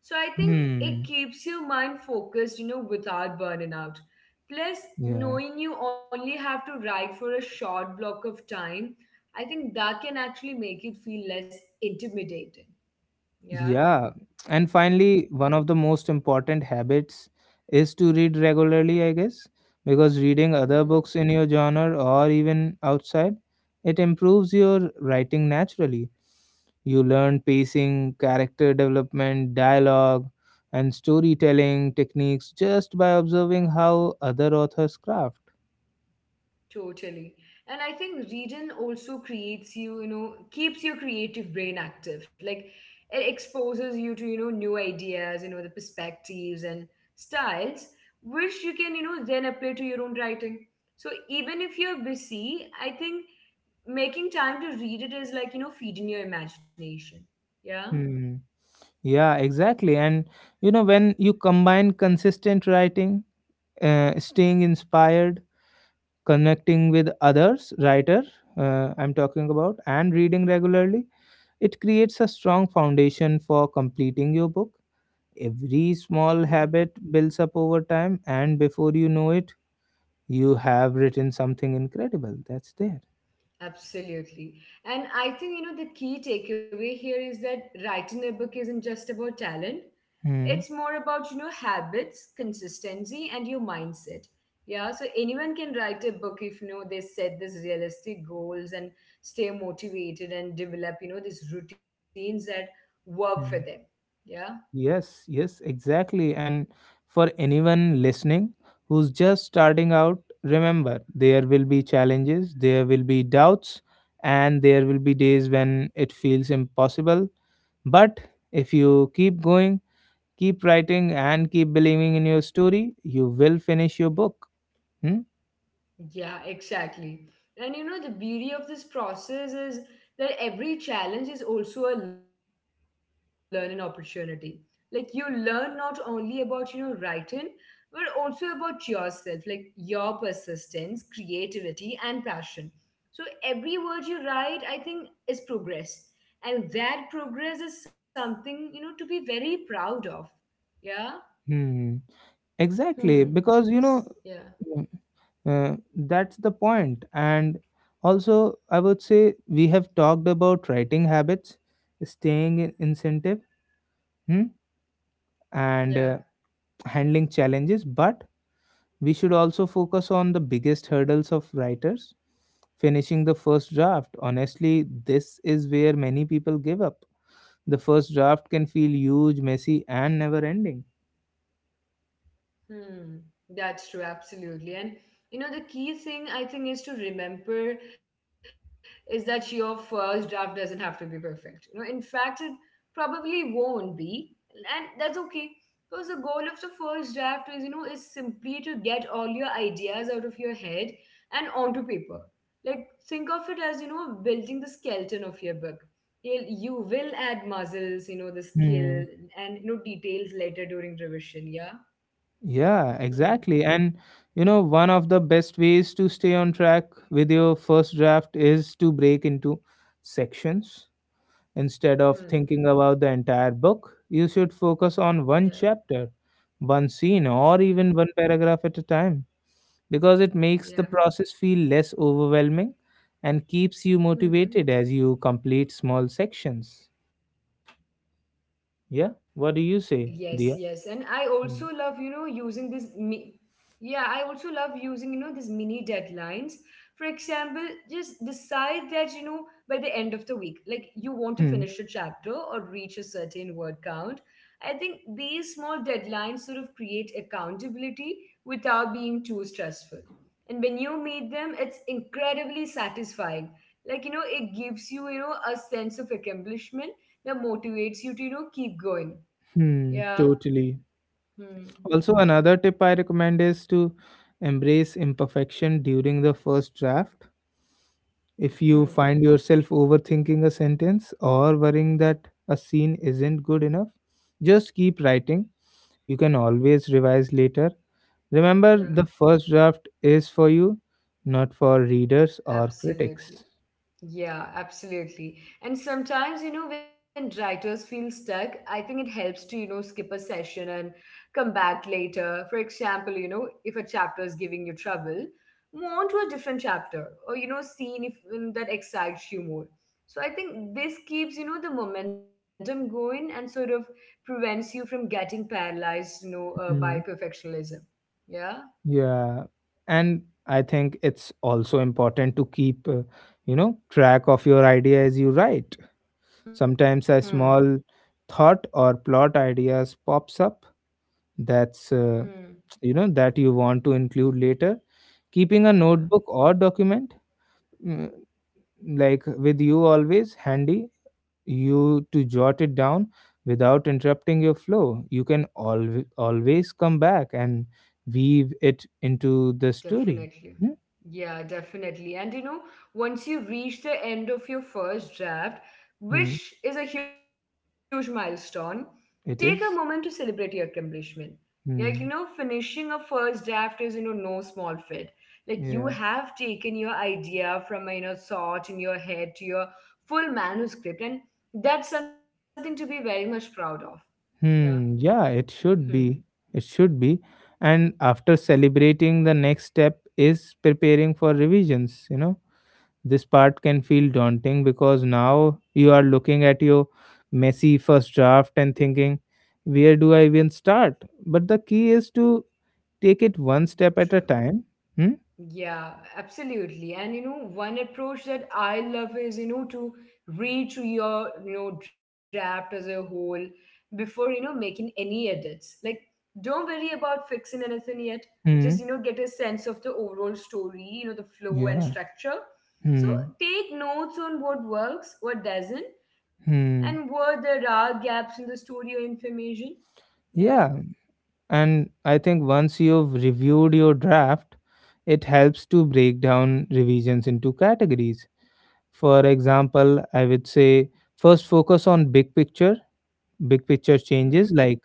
So, I think it
Hmm.
keeps your mind focused, you know, without burning out. Plus,
Yeah.
knowing you only have to write for a short block of time, I think that can actually make it feel less intimidating. Yeah.
Yeah. And finally,
Hmm.
one of the most important habits is to read regularly, I guess, because reading other
Hmm.
books in your genre or even outside, it improves your writing naturally. You learn pacing, character development, dialogue, and storytelling techniques just by observing how other authors craft.
Totally. And I think reading also creates you, you know, keeps your creative brain active. Like it exposes you to, you know, new ideas, you know, the perspectives and styles, which you can, you know, then apply to your own writing. So even if you're busy, I think making time to read it is like, you know, feeding your imagination. Yeah.
Hmm. Yeah, exactly. And you know, when you combine consistent writing, staying inspired, connecting with others writer I'm talking about and reading regularly, it creates a strong foundation for completing your book. Every small
Hmm.
habit builds up over time, and before you know it you have written something incredible that's there.
Absolutely. And I think, you know, the key takeaway here is that writing a book isn't just about talent. It's
Hmm.
more about, you know, habits, consistency, and your mindset. Yeah, so anyone can write a book if, you know, they set these realistic goals and stay motivated and develop, you know, these routines that work for
Hmm.
them. Yeah.
Yes, exactly. And for anyone listening who's just starting out, remember there will be challenges, there will be doubts, and there will be days when it feels impossible. But if you keep going, keep writing, and keep believing in your story, you will finish your book. Hmm?
Yeah, exactly. And you know, the beauty of this process is that every challenge is also a learning opportunity. Like you learn not only about, you know, writing, but also about yourself, like your persistence, creativity, and passion. So every word you write, I think, is progress. And that progress is something, you know, to be very proud of. Yeah?
Hmm.
Hmm.
Exactly, because you
Yeah.
know that's the point. And also, I would say we have talked about writing habits, staying in incentive, hmm? And
Yeah.
handling challenges. But we should also focus on the biggest hurdles of writers finishing the first draft. Honestly, this is where many people give up. The first draft can feel huge, messy, and never ending.
Hmm, that's true, absolutely. And you know, the key thing I think is to remember is that your first draft doesn't have to be perfect. You know, in fact, it probably won't be, and that's okay. Because the goal of the first draft is, you know, is simply to get all your ideas out of your head and onto paper. Like think of it as, you know, building the skeleton of your book. You will add muscles, you know, the skill
Hmm.
and you know details later during revision. Yeah.
Yeah, exactly.
Hmm.
And you know, one of the best ways to stay on track with your first draft is to break into sections. Instead of thinking
Hmm.
about the entire book, you should focus on one
Yeah.
chapter, one scene, or even one
Hmm.
paragraph at a time, because it makes the
Yeah.
process feel less overwhelming and keeps you motivated
Hmm.
as you complete small sections.
Yes, yes.
Yeah,
And I
what do you
also
say,
love, you know,
Dia? Mm.
yeah, I also love using, you know, these mini deadlines. For example, just decide that, you know, by the end of the week, like you want to finish a
Hmm.
chapter or reach a certain word count. I think these small deadlines sort of create accountability without being too stressful. And when you meet them, it's incredibly satisfying. Like, you know, it gives you, you know, a sense of accomplishment, yeah, motivates you to, you know, keep going.
Hmm.
Yeah.
Totally.
Hmm.
Also, another tip I recommend is to embrace imperfection during the first draft. If you find
Hmm.
yourself overthinking a sentence or worrying that a scene isn't good enough, just keep writing. You can always revise later. Remember, the
Yeah,
first draft is for you, not for readers or
absolutely.
critics.
Yeah, absolutely. And sometimes, you know, when writers feel stuck, I think it helps to, you know, skip a session and come back later. For example, you know, if a chapter is giving you trouble, move on to a different chapter or, you know, scene if that excites you more. So I think this keeps, you know, the momentum going and sort of prevents you from getting paralyzed, you know, by
Hmm.
perfectionism. Yeah.
Yeah, and I think it's also important to keep, you know, track of your idea as you write.
Hmm.
Sometimes a small thought or plot ideas pops up that's
Hmm.
you know that you want to include later. Keeping a
Yeah.
notebook or document, mm, like with you always handy, you to jot it down without interrupting your flow. You can always come back and weave it into the story.
Definitely.
Hmm?
Yeah, definitely. And you know, once you reach the end of your first draft,
Hmm.
which is a huge milestone, take a moment to
It
celebrate
is?
your accomplishment. Like, you know,
Hmm.
finishing a first draft is, you know, no small feat. Like, you have
Yeah.
taken your idea from, a, you know, thought in your head to your full manuscript, and that's something to be very much proud of. Yeah.
Hmm. Yeah, it
Hmm.
should be. It should be. And after celebrating, the next step is preparing for revisions. You know, this part can feel daunting because now you are looking at your messy first draft and thinking, where do I even start? But the key is to take it one step at a
True.
time. Hmm.
Yeah, absolutely. And you know, one approach that I love is, you know, to read through your, you know, draft as a whole before, you know, making any edits. Like, don't worry about fixing anything yet.
Hmm.
Just, you know, get a sense of the overall story, you know, the flow
Yeah.
and structure.
Hmm.
So take notes on what works, what doesn't,
Hmm.
and where there are gaps in the story or information. Yeah.
Yeah. And I think once you've reviewed your draft, it helps to break down revisions into categories. For example, I would say first focus on big picture
Hmm.
changes like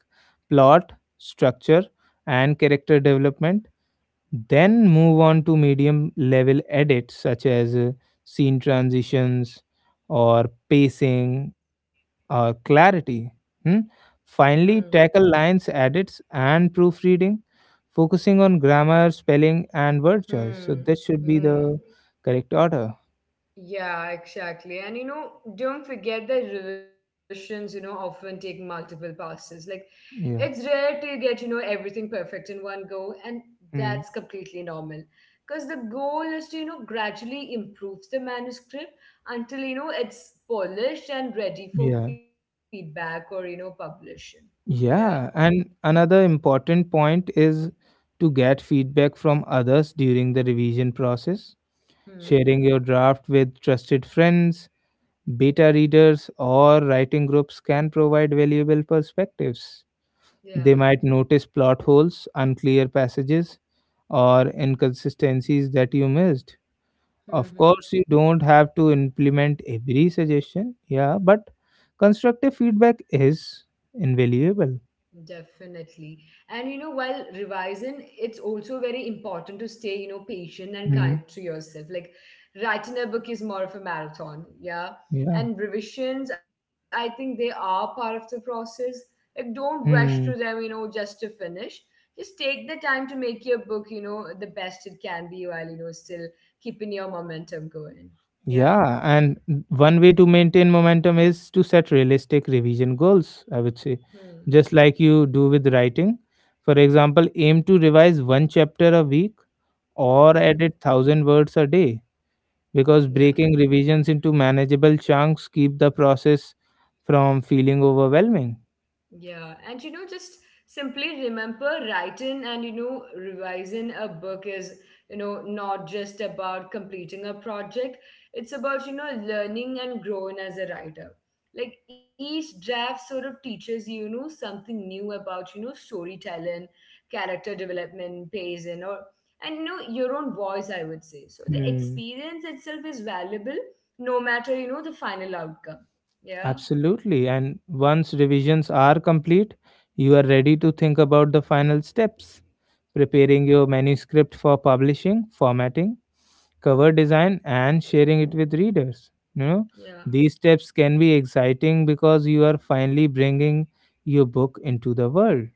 plot, structure, and character development. Then move on to medium level edits such as scene transitions or pacing, clarity. Hmm?
Hmm.
Finally, tackle lines, edits, and proofreading, focusing on grammar, spelling, and word choice. So
Hmm.
that should be
Hmm.
the correct order.
Yeah, exactly. And you know, don't forget that revisions, you know, often take multiple passes. Like, it's
Yeah.
rare to get, you know, everything perfect in one go, and that's
Mm.
completely normal. Because the goal is to, you know, gradually improve the manuscript until, you know, it's polished and ready for
Yeah.
feedback or, you know, publishing. Yeah.
Yeah. And another important point is to get feedback from others during the revision process,
Hmm.
sharing your draft with trusted friends. Beta readers or writing groups can provide valuable perspectives.
Yeah.
They might notice plot holes, unclear passages, or inconsistencies that you missed. Of
Hmm.
course, you don't have to implement every suggestion, yeah, but constructive feedback is invaluable.
Definitely. And you know, while revising, it's also very important to stay, you know, patient and
Hmm.
kind to yourself. Like, writing a book is more of a marathon, yeah.
Yeah.
And revisions, I think they are part of the process. Like, don't rush through them, you
Hmm.
know, just to finish. Just take the time to make your book, you know, the best it can be while, you know, still keeping your momentum going. Yeah.
Yeah, and one way to maintain momentum is to set realistic revision goals, I would say,
Hmm.
just like you do with writing. For example, aim to revise one chapter a week or
Hmm.
edit 1,000 words a day, because
Yeah.
breaking revisions into manageable chunks keep the process from feeling overwhelming.
Yeah, and you know, just simply remember writing and you know, revising a book is, you know, not just about completing a project, it's about, you know, learning and growing as a writer. Like, each draft sort of teaches you, you know, something new about, you know, storytelling, character development, pacing, or and you know your own voice, I would say. So the
Hmm,
experience itself is valuable no matter, you know, the final outcome. Yeah,
absolutely. And once revisions are complete, you are ready to think about the final steps preparing your manuscript for publishing, formatting, cover design, and sharing it with readers. You know,
yeah.
these steps can be exciting because you are finally bringing your book into the world.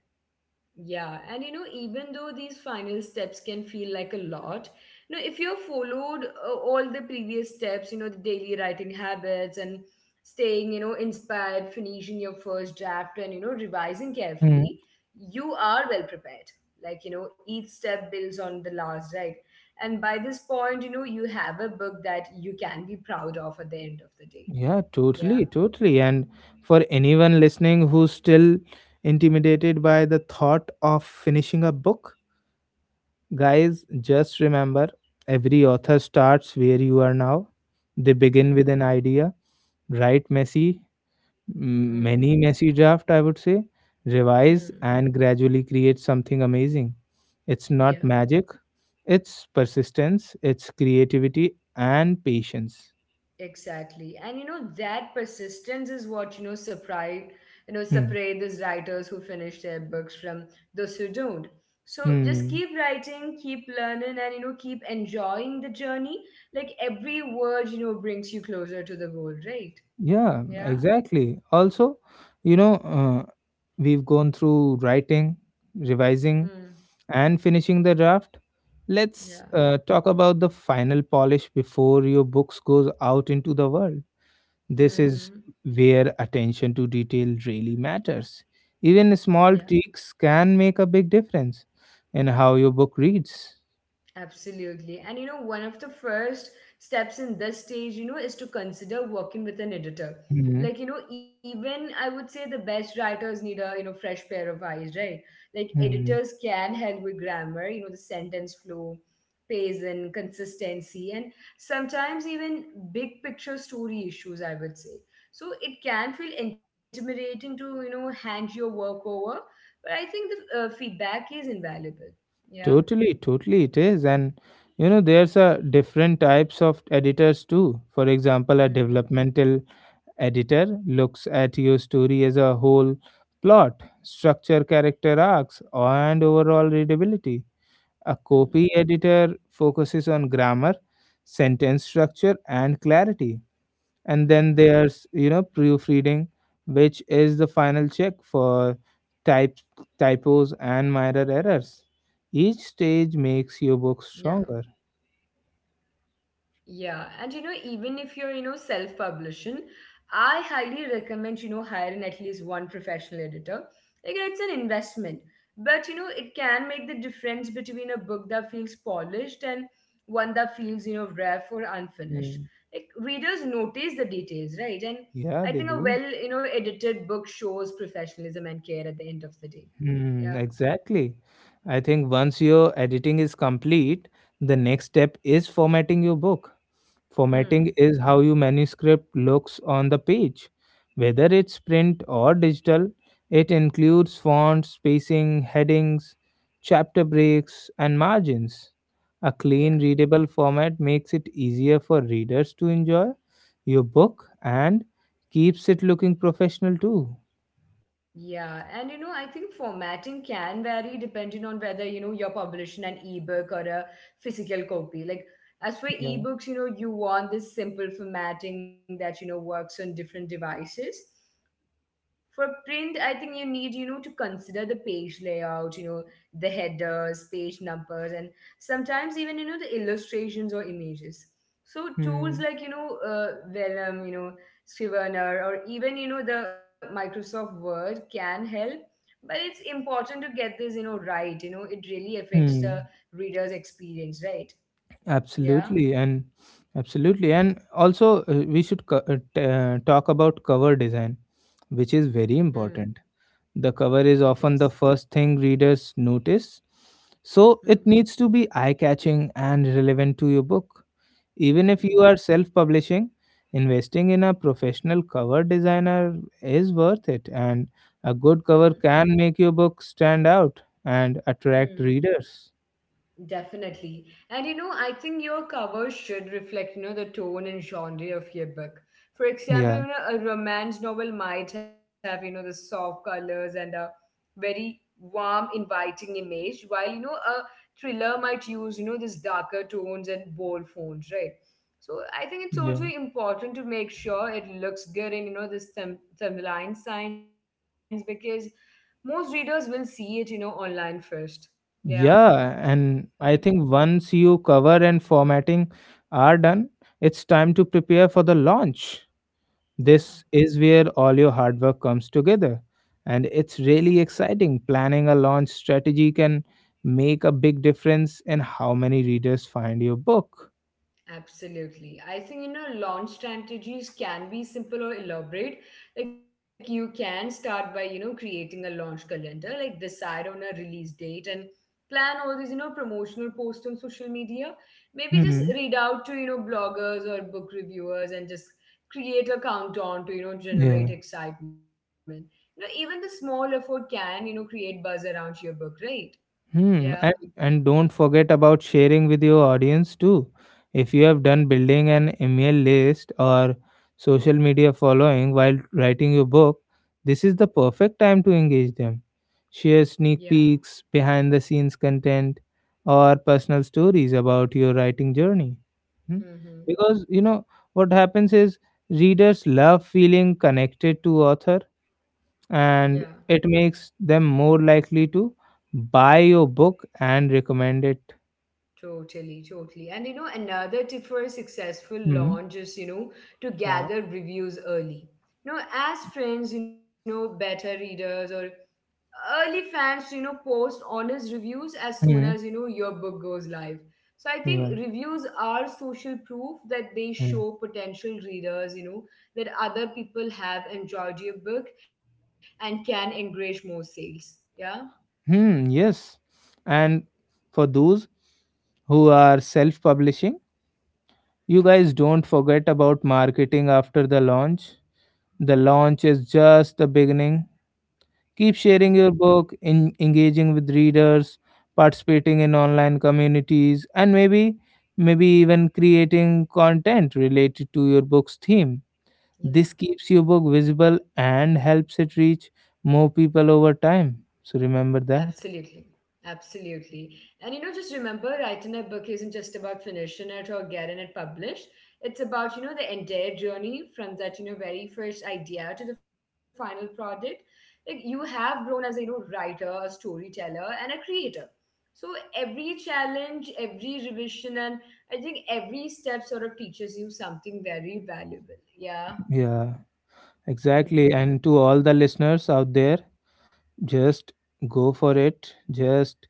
Yeah, and you know, even though these final steps can feel like a lot, you know, if you've followed all the previous steps, you know, the daily writing habits and staying, you know, inspired, finishing your first draft and, you know, revising carefully, you are well prepared. Like, you know, each step builds on the last, right? And by this point, you know, you have a book that you can be proud of at the end of the day.
Yeah,
Yeah.
totally, totally. And for anyone listening who's still intimidated by the thought of finishing a book, guys, just remember every author starts where you are now. They begin with
Hmm.
an idea, write messy,
Hmm.
many messy draft, I would say, revise
Hmm.
and gradually create something amazing. It's not
Yeah.
magic, it's persistence, it's creativity and patience.
Exactly. And you know, that persistence is what, you know, separate, you know,
Hmm.
separate these writers who finish their books from those who don't. So just
Hmm.
keep writing, keep learning, and you know, keep enjoying the journey. Like, every word, you know, brings you closer to the goal, right?
Yeah,
Yeah.
exactly. Also, you know, we've gone through writing, revising,
Hmm.
and finishing the draft. Let's
Yeah.
talk about the final polish before your books goes out into the world. This is
Mm-hmm.
where attention to detail really matters. Even
Yeah.
small tweaks can make a big difference in how your book reads.
Absolutely. And you know, one of the first steps in this stage, you know, is to consider working with an editor.
Hmm,
Like, you know, even I would say the best writers need a, you know, fresh pair of eyes, right? Like,
hmm.
editors can help with grammar, you know, the sentence flow, pace, and consistency, and sometimes even big picture story issues, I would say. So it can feel intimidating to, you know, hand your work over, but I think the feedback is invaluable. Yeah.
Totally, totally, it is. And you know, there's a different types of editors too. For example, a
Hmm.
developmental editor looks at your story as a whole plot, structure, character arcs, and overall readability. A copy
Hmm.
editor focuses on grammar, sentence structure, and clarity, and then there's, you know,
Mm.
proofreading, which is the final check for type typos and minor errors. Each stage makes your
Yeah,
book stronger.
yeah. And you know, even if you're, you know, self-publishing, I highly recommend, you know, hiring at least one professional editor. Like, it's an investment, but you know, it can make the difference between a book that feels polished and one that feels, you know, rough or
Hmm.
unfinished. Like, readers notice the details,
Yeah,
right?
they
And
do.
I think a well, you know, edited book shows professionalism and care at the end of the
Hmm,
day.
exactly.
Yeah.
I think once your editing is complete, the next step is formatting your book. Formatting is how your
Hmm.
manuscript looks on the page. Whether it's print or digital, it includes fonts, spacing, headings, chapter breaks, and margins. A clean, readable
Yeah.
format makes it easier for readers to enjoy your book and keeps it looking professional too.
Yeah, and you know, I think formatting can vary depending on whether you know you're publishing an ebook or a physical copy.
Yeah.
Like, as for ebooks, you know, you want this simple formatting that you know works on different devices. For print, I think you need, you know, to consider the page layout, you know, the headers, page numbers, and sometimes even you know the illustrations or images. So
Hmm.
tools like you know Vellum, you know, Scrivener or even you know the Microsoft Word can help, but it's important to get this you know right. You know, it really affects
Hmm.
the reader's experience, right?
Absolutely,
Yeah.
and absolutely, and also, we should talk about cover design, which is very
Hmm.
important. The cover is
It
often
is.
the first thing readers notice, so it needs
Hmm.
to be eye catching and relevant to your book. Even if you are
Hmm.
self publishing, investing in a professional cover designer is worth it, and a good
Hmm.
cover can make your book stand out and attract
Hmm.
readers.
Definitely. And you know, I think your cover should reflect, you know, the tone and genre of your book. For example,
Yeah,
you know, a romance novel might have, you know, the soft colors and a very warm, inviting image, while, you know, a thriller might use, you know, this darker tones and bold fonts, right? So I think it's also
yeah,
important to make sure it looks good in, you know, the thumbnail signs because most readers will see it, you know, online first. Yeah.
yeah.
Hmm.
And I think once you cover and formatting are done, it's time to prepare for the launch.
Yeah.
This is where all your hard work comes together. And it's really exciting. Planning a launch strategy can make a big difference in how many readers find your book.
Absolutely. I think, you know, launch strategies can be simple or elaborate. Like, you can start by, you know, creating a launch calendar, like decide on a release date and plan all these, you know, promotional posts on social media. Maybe just
Hmm.
read out to, you know, bloggers or book reviewers and just create a countdown to, you know, generate
Yeah.
excitement. You know, even the small effort can, you know, create buzz around your book, right? Yeah.
Hmm. And don't forget about sharing with your audience too. If you have done building an email list or social media following while writing your book, this is the perfect time to engage them. Share
Yeah.
sneak peeks, behind the scenes content, or personal stories about your writing journey. Hmm?
Mm-hmm.
Because you know what happens is readers love feeling connected to author,
Yeah.
and it makes them more likely to buy your book and recommend it.
Totally, totally. And you know, another tip for a successful
Hmm.
launch is, you know, to
Yeah.
gather reviews early. You know, as friends, you know, beta readers or early fans, you know, post honest reviews as soon as, you
Hmm.
know, your book goes live. So I think
Yeah.
reviews are social proof that they
Yeah.
show potential readers, you know, that other people have enjoyed your book and can encourage more sales. Yeah.
Hmm. Yes. And for those who are self publishing, you guys don't forget about marketing after the launch. The launch is just the beginning. Keep
Hmm.
sharing your book, in, engaging with readers, participating in online communities, and maybe even creating content related to your book's theme. This
Yeah.
keeps your book visible and helps it reach more people over time. So remember that.
Absolutely. Absolutely. And you know, just remember writing a book isn't just about finishing it or getting it published. It's about, you know, the entire journey from that, you know, very first idea to the final product. Like, you have grown as a, you know, writer, a storyteller, and a creator. So every challenge, every revision, and I think every step sort of teaches you something very valuable. Yeah.
Yeah,
Hmm.
exactly. And to all the listeners out there, just go for it. Just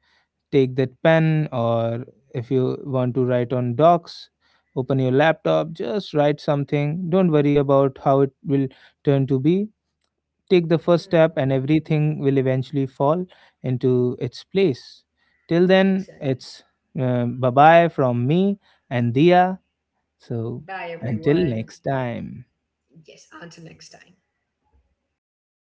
take that pen, or if you want to write on docs, open your laptop, just write something, don't worry about how it will turn to be. Take the
Hmm.
first step and everything will eventually fall into its place. Till then,
Exactly.
it's bye bye from me and Dia, so
Bye,
until
everyone.
next time.
Yes, until next time.